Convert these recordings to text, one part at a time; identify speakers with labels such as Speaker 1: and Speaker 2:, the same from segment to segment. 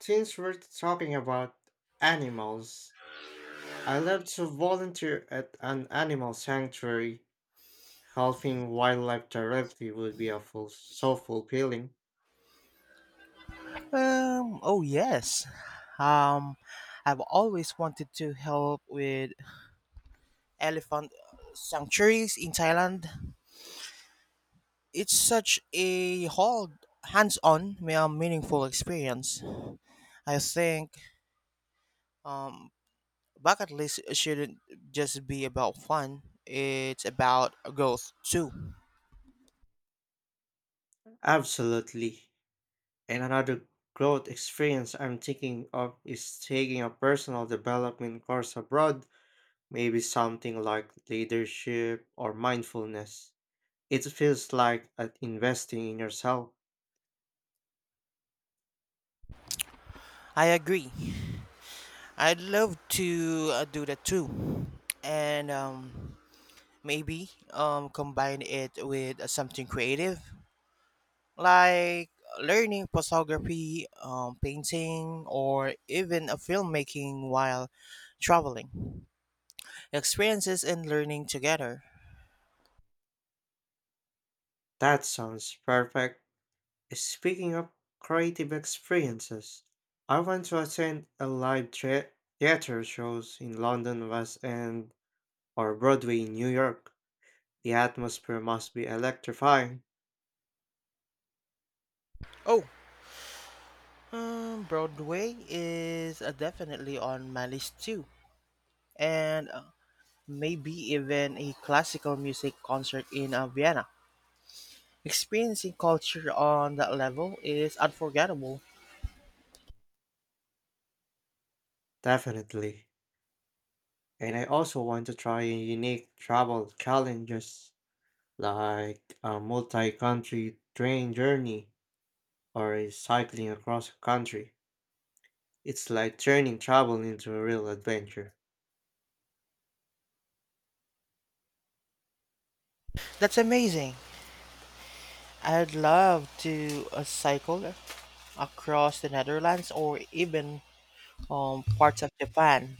Speaker 1: Since we're talking about animals, I love to volunteer at an animal sanctuary. Helping wildlife directly would be so fulfilling.
Speaker 2: Oh yes. Um, I've always wanted to help with elephant sanctuaries in Thailand. It's such a whole hands-on, meaningful experience. I think um, bucket list shouldn't just be about fun. It's about growth too.
Speaker 1: Absolutely. And another growth experience I'm thinking of is taking a personal development course abroad, maybe something like leadership or mindfulness. It feels like investing in yourself.
Speaker 2: I agree. I'd love to do that too, and maybe combine it with something creative like learning photography, painting, or even a filmmaking while traveling. Experiences and learning together.
Speaker 1: That sounds perfect. Speaking of creative experiences, I went to attend a live theater shows in London West End or Broadway in New York. The atmosphere must be electrifying,
Speaker 2: Oh, Broadway is definitely on my list too, and maybe even a classical music concert in Vienna. Experiencing culture on that level is unforgettable.
Speaker 1: definitely. And I also want to try unique travel challenges like a multi-country train journey or a cycling across a country. It's like turning travel into a real adventure.
Speaker 2: That's amazing. I'd love to cycle across the Netherlands or even parts of Japan.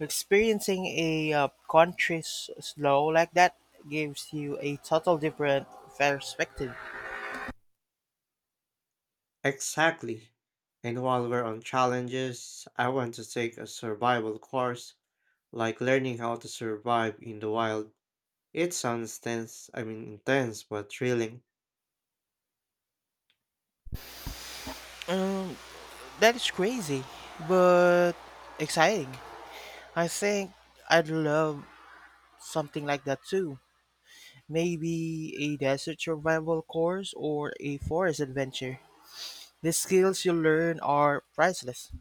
Speaker 2: Experiencing a country's slow like that gives you a total different perspective.
Speaker 1: Exactly. And while we're on challenges, I want to take a survival course, like learning how to survive in the wild. It sounds tense, I mean intense, but thrilling
Speaker 2: That is crazy, but exciting. I think I'd love something like that too. Maybe a desert survival course or a forest adventure. The skills you learn are priceless.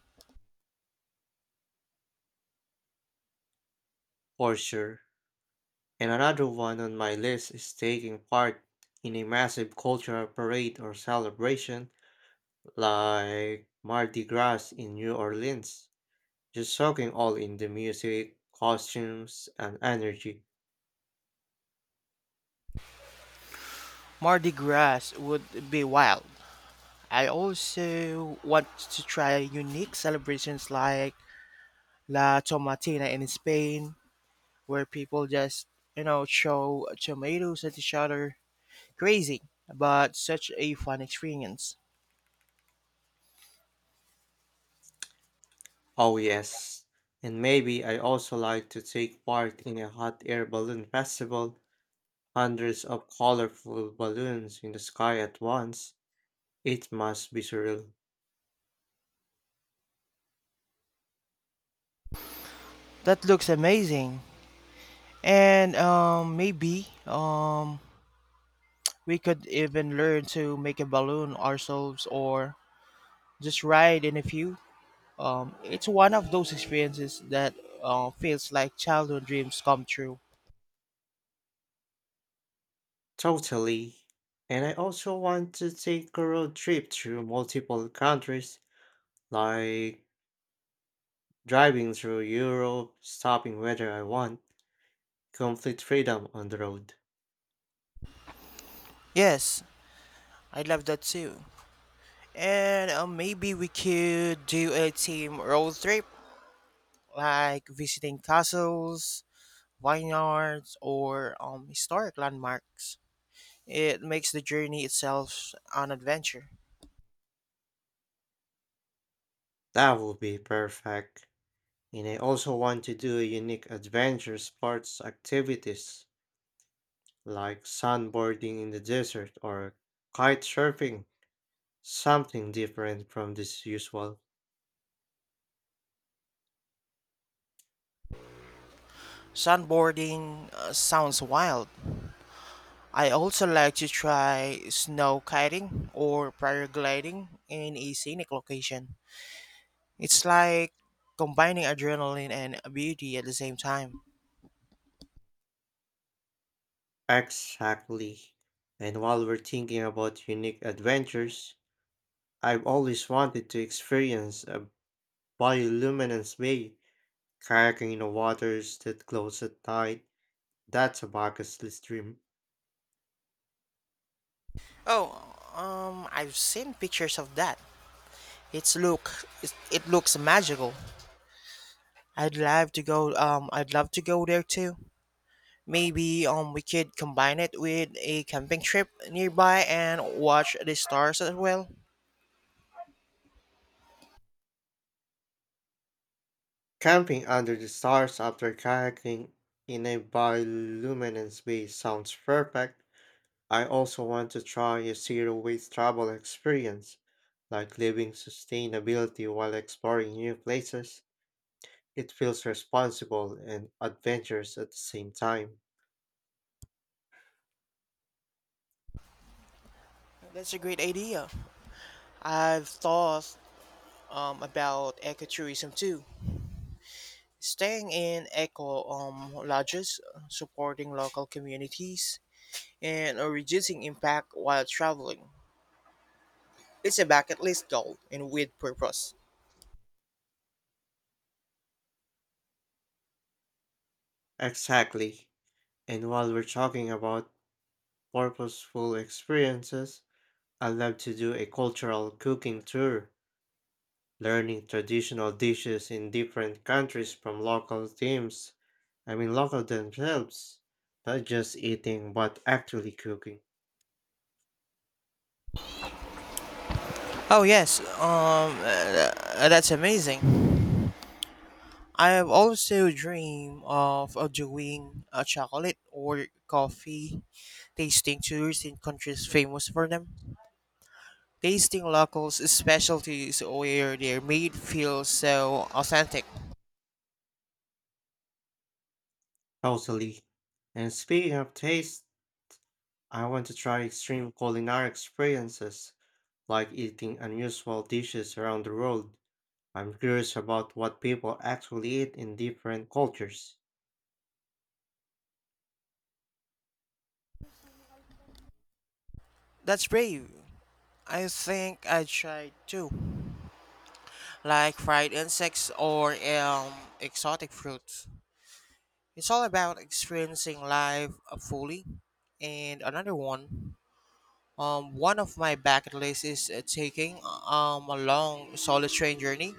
Speaker 1: for sure. And another one on my list is taking part in a massive cultural parade or celebration like Mardi Gras in New Orleans. Just soaking all in the music, costumes, and energy.
Speaker 2: Mardi Gras would be wild. I also want to try unique celebrations like La Tomatina in Spain, where people just, throw tomatoes at each other. Crazy, but such a fun experience.
Speaker 1: Oh, yes. And maybe I also like to take part in a hot air balloon festival, hundreds of colorful balloons in the sky at once. It must be surreal.
Speaker 2: That looks amazing. And maybe we could even learn to make a balloon ourselves or just ride in a few. It's one of those experiences that feels like childhood dreams come true.
Speaker 1: Totally. And I also want to take a road trip through multiple countries, like driving through Europe, stopping whether I want, complete freedom on the road.
Speaker 2: Yes, I love that too. And maybe we could do a team road trip, like visiting castles, vineyards, or historic landmarks. It makes the journey itself an adventure.
Speaker 1: That would be perfect. And I also want to do unique adventure sports activities like sandboarding in the desert or kite surfing, something different from this usual.
Speaker 2: Sunboarding sounds wild. I also like to try snow kiting or paragliding in a scenic location. It's like combining adrenaline and beauty at the same time.
Speaker 1: Exactly. And while we're thinking about unique adventures, I've always wanted to experience a bioluminescence bay, kayaking in the waters that close at night. That's a bucket list dream.
Speaker 2: Oh, I've seen pictures of that. It's look, it looks magical. I'd love to go there too. Maybe we could combine it with a camping trip nearby and watch the stars as well.
Speaker 1: Camping under the stars after kayaking in a bioluminescence bay sounds perfect. I also want to try a zero waste travel experience, like living sustainability while exploring new places. It feels responsible and adventurous at the same time.
Speaker 2: That's a great idea. I've thought about ecotourism too. Staying in eco lodges, supporting local communities, and a reducing impact while traveling. It's a bucket list goal and with purpose.
Speaker 1: Exactly. And while we're talking about purposeful experiences, I love to do a cultural cooking tour, learning traditional dishes in different countries from local teams. I mean, local themselves, not just eating, but actually cooking.
Speaker 2: Oh yes, that's amazing. I have also dreamed of doing a chocolate or coffee tasting tours in countries famous for them. Tasting locals specialties where they're made feel so authentic.
Speaker 1: Totally. And speaking of taste, I want to try extreme culinary experiences, like eating unusual dishes around the world. I'm curious about what people actually eat in different cultures.
Speaker 2: That's brave. I think I tried too, like fried insects or exotic fruits. It's all about experiencing life fully. And another one, one of my bucket lists is taking a long solo train journey.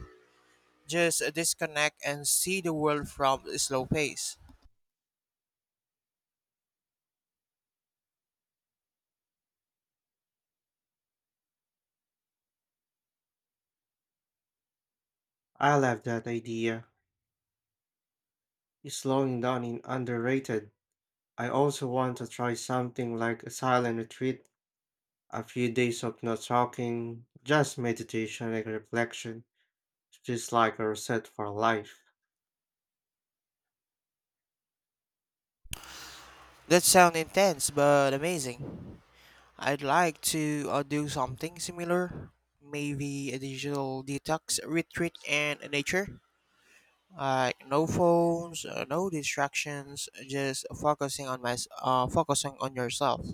Speaker 2: Just disconnect and see the world from a slow pace.
Speaker 1: I love that idea. Slowing down is underrated. I also want to try something like a silent retreat, a few days of not talking, just meditation and reflection, just like a reset for life.
Speaker 2: That sounds intense but amazing. I'd like to do something similar, maybe a digital detox retreat in nature. Like no phones, no distractions, just focusing on my focusing on yourself.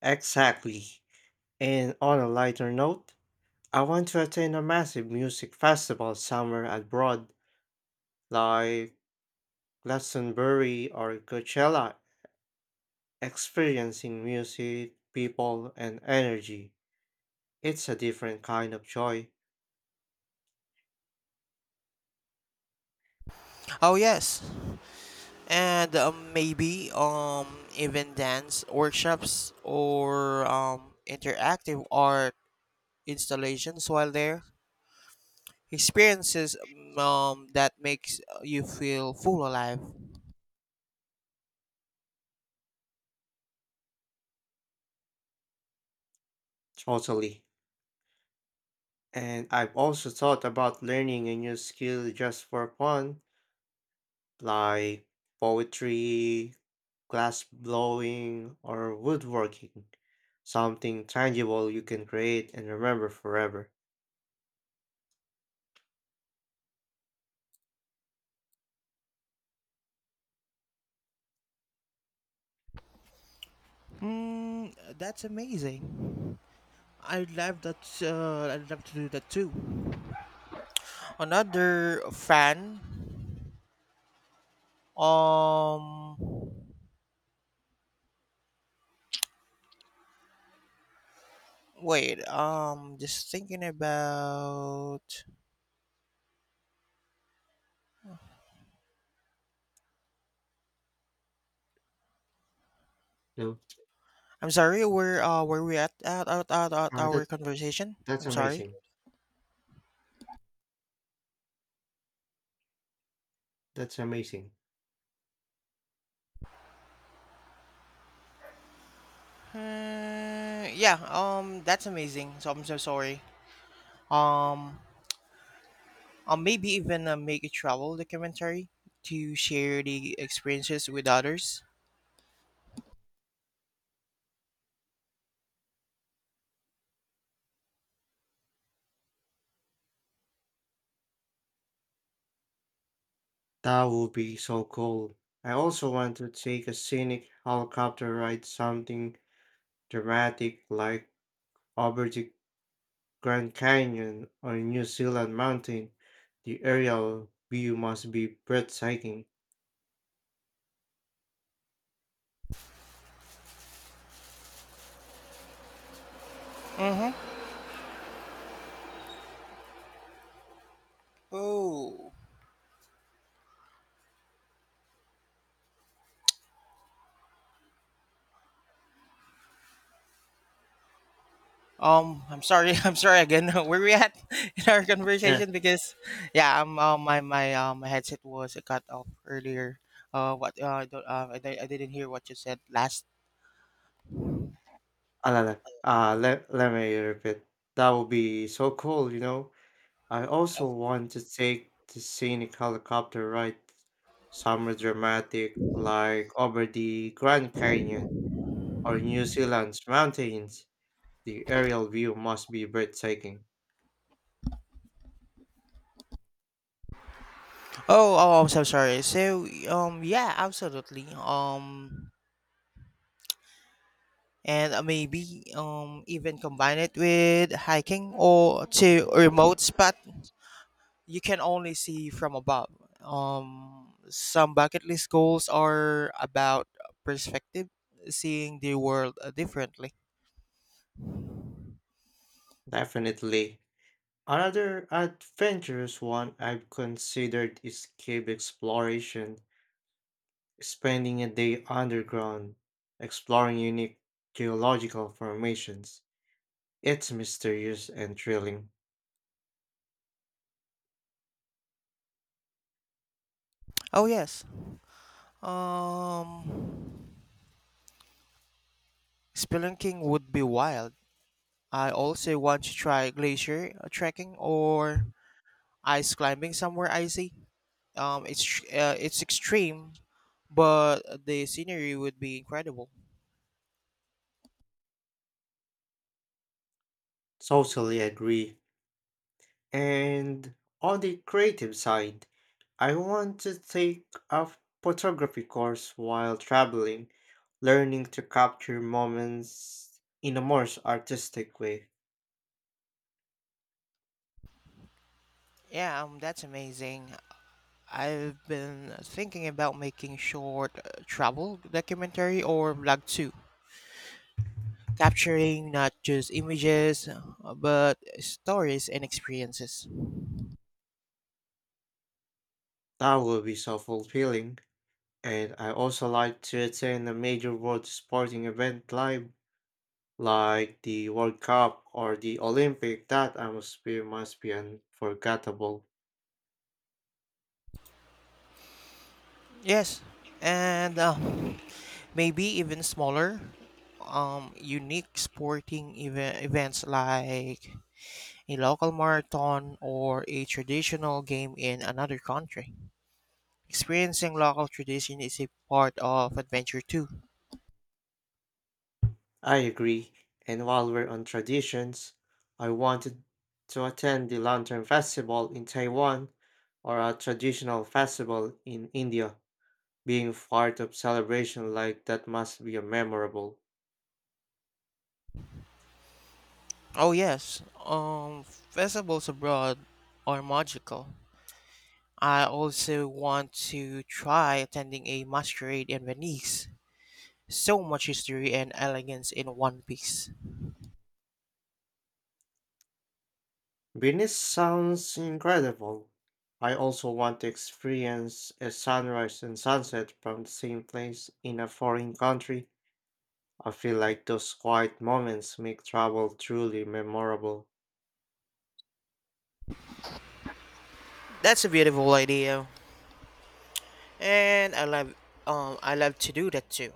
Speaker 1: Exactly. And on a lighter note, I want to attend a massive music festival somewhere abroad, like Glastonbury or Coachella, experiencing music, people, and energy. It's a different kind of joy,
Speaker 2: Oh yes, and maybe even dance workshops or interactive art installations while there. Experiences that makes you feel full alive.
Speaker 1: totally. And I've also thought about learning a new skill just for fun, like poetry, glass blowing, or woodworking. Something tangible you can create and remember forever.
Speaker 2: Mm, that's amazing. I'd love to do that too. Another fan. Um, Wait. Just thinking about.
Speaker 1: No,
Speaker 2: I'm sorry, where we at
Speaker 1: uh, that
Speaker 2: our conversation?
Speaker 1: that's
Speaker 2: I'm sorry.
Speaker 1: amazing. That's amazing.
Speaker 2: Yeah, that's amazing. So I'm so sorry. Um I'll maybe even make a travel documentary to share the experiences with others.
Speaker 1: That would be so cool. I also want to take a scenic helicopter ride, something dramatic like over the Grand Canyon or New Zealand mountain. The aerial view must be breathtaking.
Speaker 2: Mm-hmm. Oh. I'm sorry, I'm sorry again. Where we at in our
Speaker 1: Yeah,
Speaker 2: conversation because yeah, my my headset was cut off earlier. What I don't I didn't hear what you said last.
Speaker 1: ah, la, la, let me repeat. That would be so cool, you know. I also want to take the scenic helicopter ride, somewhere dramatic like over the Grand Canyon or New Zealand's mountains, the aerial view must be breathtaking.
Speaker 2: Oh, oh, I'm so sorry. So, yeah, absolutely. And maybe even combine it with hiking or to
Speaker 1: Mhm.
Speaker 2: a remote spot you can only see from above. Some bucket list goals are about perspective, seeing the world differently.
Speaker 1: Definitely. Another adventurous one I've considered is cave exploration, spending a day underground, exploring unique geological formations. It's mysterious and thrilling.
Speaker 2: Oh yes. Um, Spelunking would be wild. I also want to try glacier trekking or ice climbing somewhere icy. Um, it's it's extreme, but the scenery would be incredible.
Speaker 1: Totally agree. And on the creative side, I want to take a photography course while traveling, learning to capture moments in a more artistic way.
Speaker 2: Yeah, that's amazing. I've been thinking about making short travel documentary or vlog too, capturing not just images but stories and experiences.
Speaker 1: That will be so fulfilling. And I also like to attend a major world sporting event live, like the World Cup or the Olympic. That atmosphere must be unforgettable.
Speaker 2: Yes, and maybe even smaller, unique sporting event events like a local marathon, or a traditional game in another country. Experiencing local tradition is a part of adventure too.
Speaker 1: I agree. And while we're on traditions, I wanted to attend the Lantern Festival in Taiwan or a traditional festival in India. Being part of celebration like that must be a memorable.
Speaker 2: Oh yes, festivals abroad are magical. I also want to try attending a masquerade in Venice. So much history and elegance in one piece.
Speaker 1: Venice sounds incredible. I also want to experience a sunrise and sunset from the same place in a foreign country. I feel like those quiet moments make travel truly memorable.
Speaker 2: That's a beautiful idea, and I love to do that too.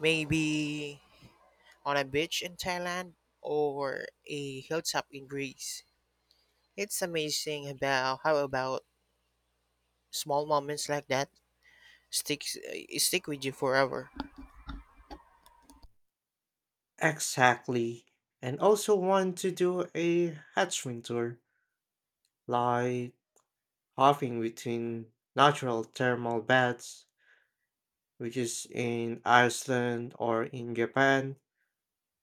Speaker 2: Maybe on a beach in Thailand or a hilltop in Greece. It's amazing about how about small moments like that stick with you forever.
Speaker 1: Exactly. And also want to do a hatchling tour, like hopping between natural thermal baths, which is in Iceland or in Japan,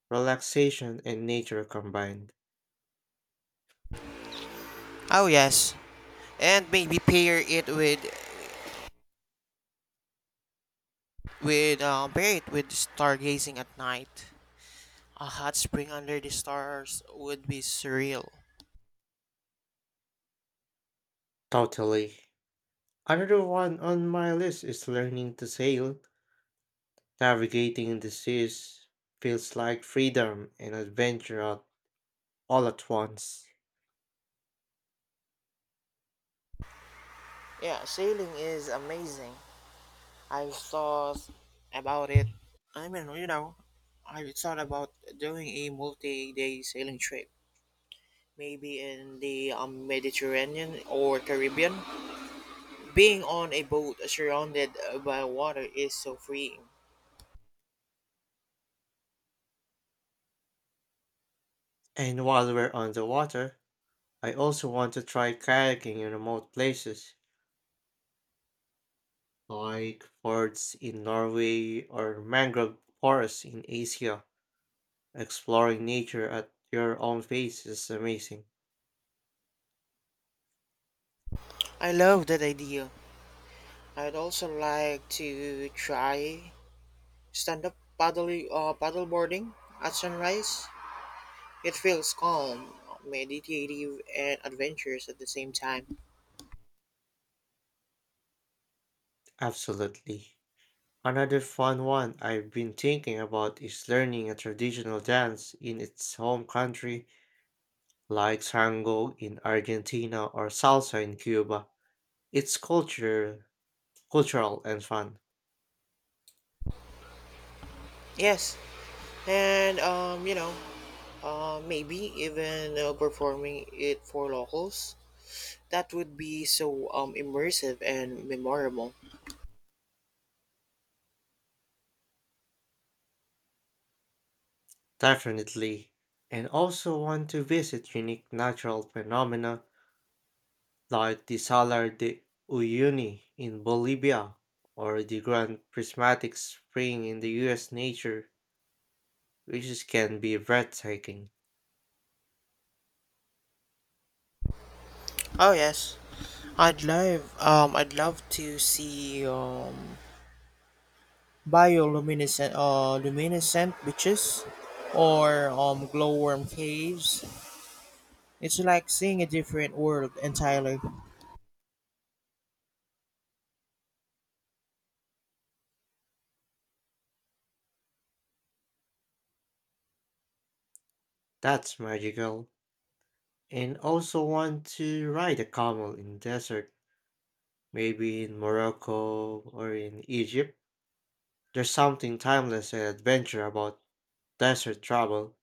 Speaker 1: relaxation and nature combined.
Speaker 2: Oh yes, and maybe pair it with pair it with stargazing at night. A hot spring under the stars would be surreal.
Speaker 1: Totally. Another one on my list is learning to sail. Navigating the seas feels like freedom and all at once.
Speaker 2: Yeah, sailing is amazing. I've thought about it. I mean, you know, I've thought about doing a multi-day sailing trip. Maybe in the Mediterranean or Caribbean. Being on a boat surrounded by water is so freeing.
Speaker 1: And while we're on the water, I also want to try kayaking in remote places, like forts in Norway or mangrove forests in Asia. Exploring nature at your own pace is amazing.
Speaker 2: I love that idea. I'd also like to try paddleboarding at sunrise. It feels calm, meditative, and adventurous at the same time.
Speaker 1: Absolutely. Another fun one I've been thinking about is learning a traditional dance in its home country, like tango in Argentina or salsa in Cuba. It's cultural and fun.
Speaker 2: Yes, and maybe even performing it for locals. That would be so immersive and memorable.
Speaker 1: Definitely. And also want to visit unique natural phenomena like the Salar de Uyuni in Bolivia or the Grand Prismatic Spring in the US nature, which can be breathtaking.
Speaker 2: Oh yes, I'd love to see bioluminescent luminescent beaches or glowworm caves. It's like seeing a different world entirely.
Speaker 1: That's magical. And also want to ride a camel in desert, maybe in Morocco or in Egypt. There's something timeless and adventure about desert travel.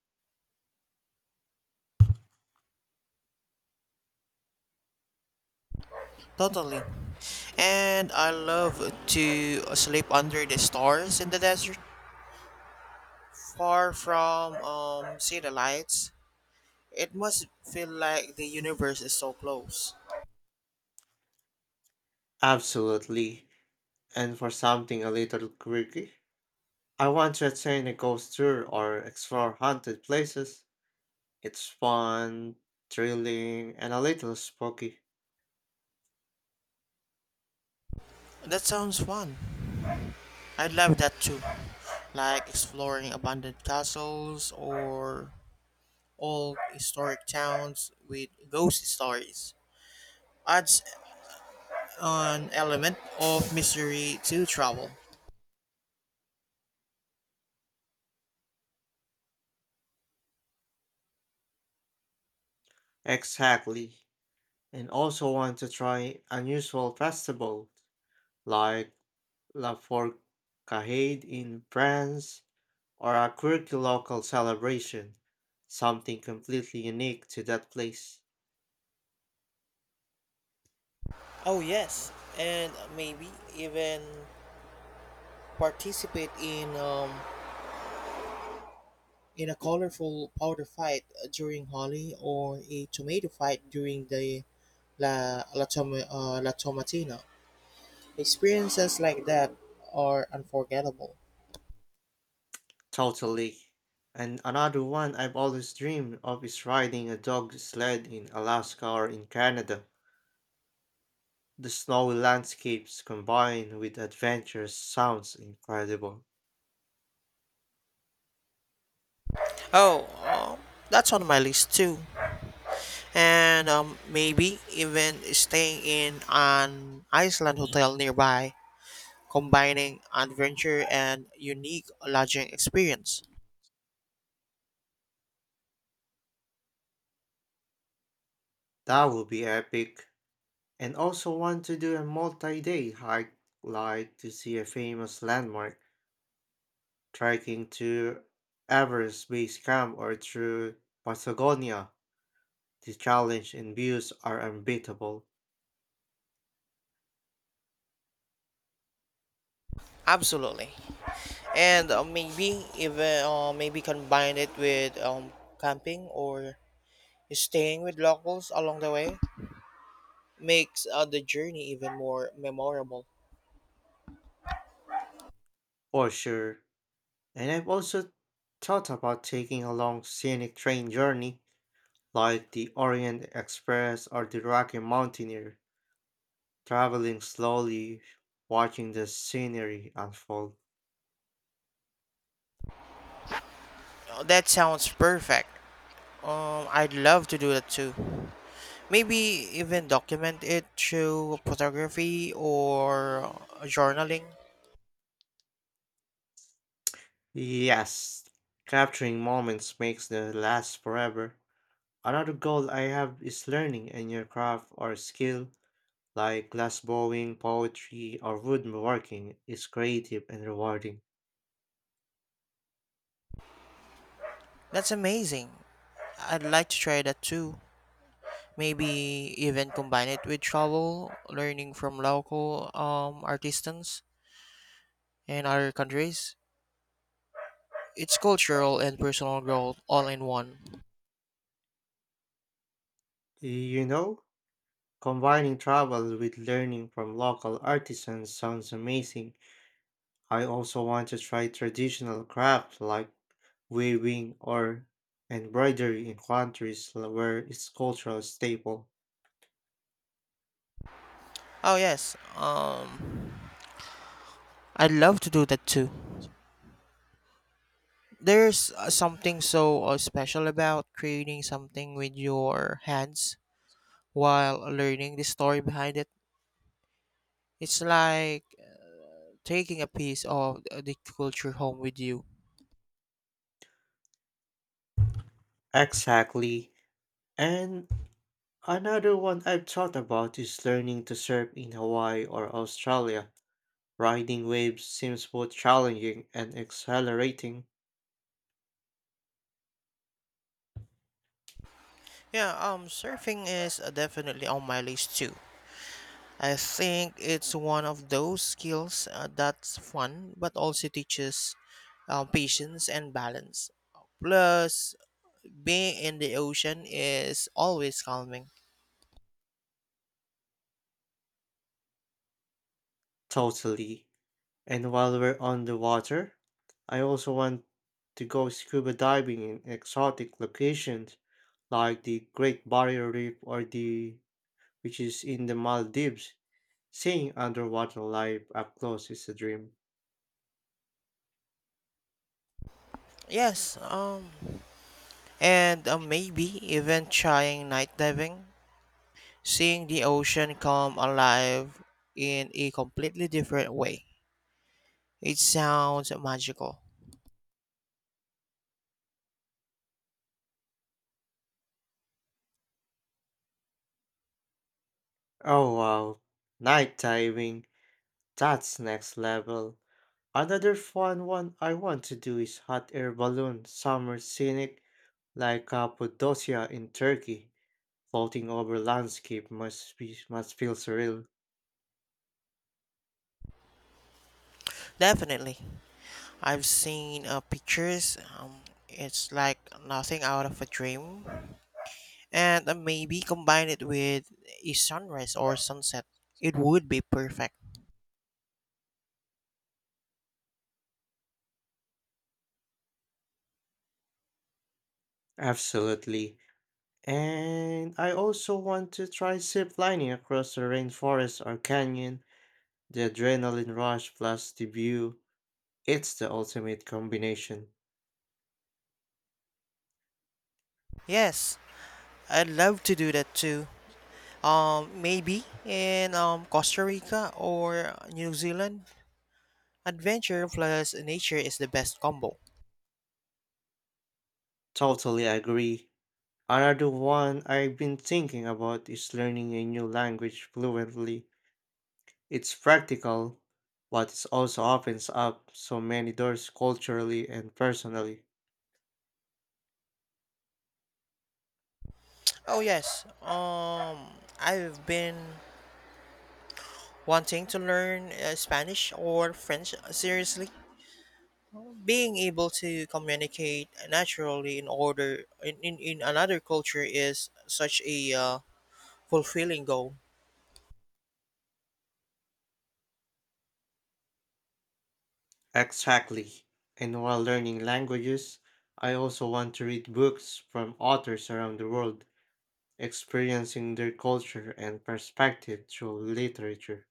Speaker 2: Totally. And I love to sleep under the stars in the desert, far from city lights. It must feel like the universe is so close.
Speaker 1: Absolutely. And for something a little quirky, I want to attend a ghost tour or explore haunted places. It's fun, thrilling, and a little spooky.
Speaker 2: That sounds fun. I'd love that too. Like exploring abandoned castles or old historic towns with ghost stories. Adds an element of mystery to travel.
Speaker 1: Exactly. And also want to try unusual festival like La Forcade in France or a quirky local celebration. Something completely unique to that place.
Speaker 2: Oh yes, and maybe even participate in in a colorful powder fight during Holi or a tomato fight during the La Tomatina. Experiences like that are unforgettable.
Speaker 1: Totally. And another one I've always dreamed of is riding a dog sled in Alaska or in Canada. The snowy landscapes combined with adventures sounds incredible.
Speaker 2: Oh, that's on my list too. And maybe even staying in an Iceland hotel nearby, combining adventure and unique lodging experience.
Speaker 1: That would be epic. And also want to do a multi-day hike like to see a famous landmark, trekking to Everest Base Camp or through Patagonia. The challenge and views are unbeatable,
Speaker 2: Absolutely. And maybe combine it with camping or staying with locals along the way makes the journey even more memorable.
Speaker 1: for sure. And I've also thought about taking a long scenic train journey like the Orient Express or the Rocky Mountaineer, traveling slowly, watching the scenery unfold.
Speaker 2: That sounds perfect. I'd love to do that too. Maybe even document it through photography or journaling.
Speaker 1: Yes, capturing moments makes them last forever. Another goal I have is learning a new craft or skill, like glass blowing, poetry, or woodworking is creative and rewarding.
Speaker 2: That's amazing. I'd like to try that too. Maybe even combine it with travel, learning from local artisans in other countries. It's cultural and personal growth all in one.
Speaker 1: You know, combining travel with learning from local artisans sounds amazing. I also want to try traditional crafts like weaving, or embroidery in countries where it's cultural staple.
Speaker 2: Oh yes, I'd love to do that too. There's something so special about creating something with your hands while learning the story behind it. It's like taking a piece of the culture home with you.
Speaker 1: Exactly. And another one I've thought about is learning to surf in Hawaii or Australia. Riding waves seems both challenging and exhilarating.
Speaker 2: Yeah, surfing is definitely on my list too. I think it's one of those skills that's fun but also teaches patience and balance. Plus, being in the ocean is always calming.
Speaker 1: Totally. And while we're on the water, I also want to go scuba diving in exotic locations like the Great Barrier Reef or the which is in the Maldives. Seeing underwater life up close is a dream.
Speaker 2: Yes, and maybe even trying night diving, seeing the ocean come alive in a completely different way. It sounds magical.
Speaker 1: Oh wow. Night diving. That's next level. Another fun one I want to do is hot air balloon summer scenic like Cappadocia in Turkey. Floating over landscape must be must feel surreal.
Speaker 2: Definitely. I've seen pictures. It's like nothing out of a dream. And maybe combine it with a sunrise or sunset. It would be perfect.
Speaker 1: Absolutely. And I also want to try zip lining across the rainforest or canyon. The adrenaline rush plus the view. It's the ultimate combination.
Speaker 2: Yes, I'd love to do that too. Maybe in Costa Rica or New Zealand. Adventure plus nature is the best combo.
Speaker 1: Totally agree. Another one I've been thinking about is learning a new language fluently. It's practical, but it also opens up so many doors culturally and personally.
Speaker 2: Oh yes. I've been wanting to learn Spanish or French seriously. Being able to communicate naturally in order in another culture is such a fulfilling goal.
Speaker 1: Exactly. And while learning languages, I also want to read books from authors around the world, experiencing their culture and perspective through literature.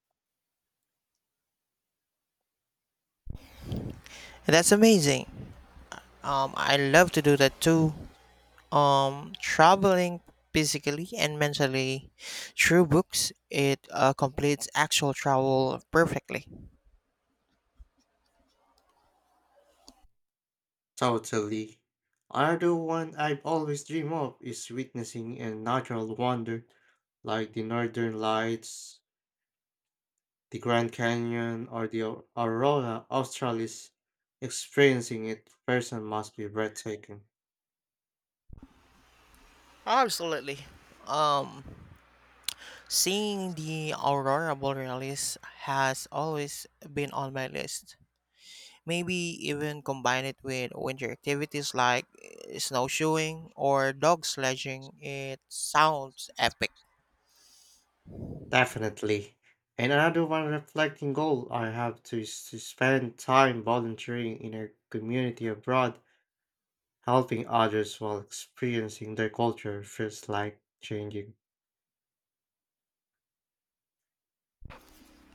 Speaker 2: And that's amazing. I love to do that too. Traveling physically and mentally through books, it completes actual travel perfectly.
Speaker 1: Totally. Another one I've always dreamed of is witnessing a natural wonder like the Northern Lights, the Grand Canyon, or the Aurora Australis. Experiencing it person must be breathtaking.
Speaker 2: Absolutely. Um, Seeing the aurora borealis has always been on my list. Maybe even combine it with winter activities like snowshoeing or dog sledging. It sounds epic.
Speaker 1: Definitely. And another one reflecting goal I have to is to spend time volunteering in a community abroad, helping others while experiencing their culture feels like changing.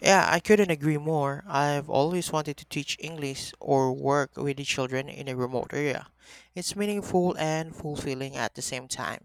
Speaker 2: Yeah, I couldn't agree more. I've always wanted to teach English or work with the children in a remote area. It's meaningful and fulfilling at the same time.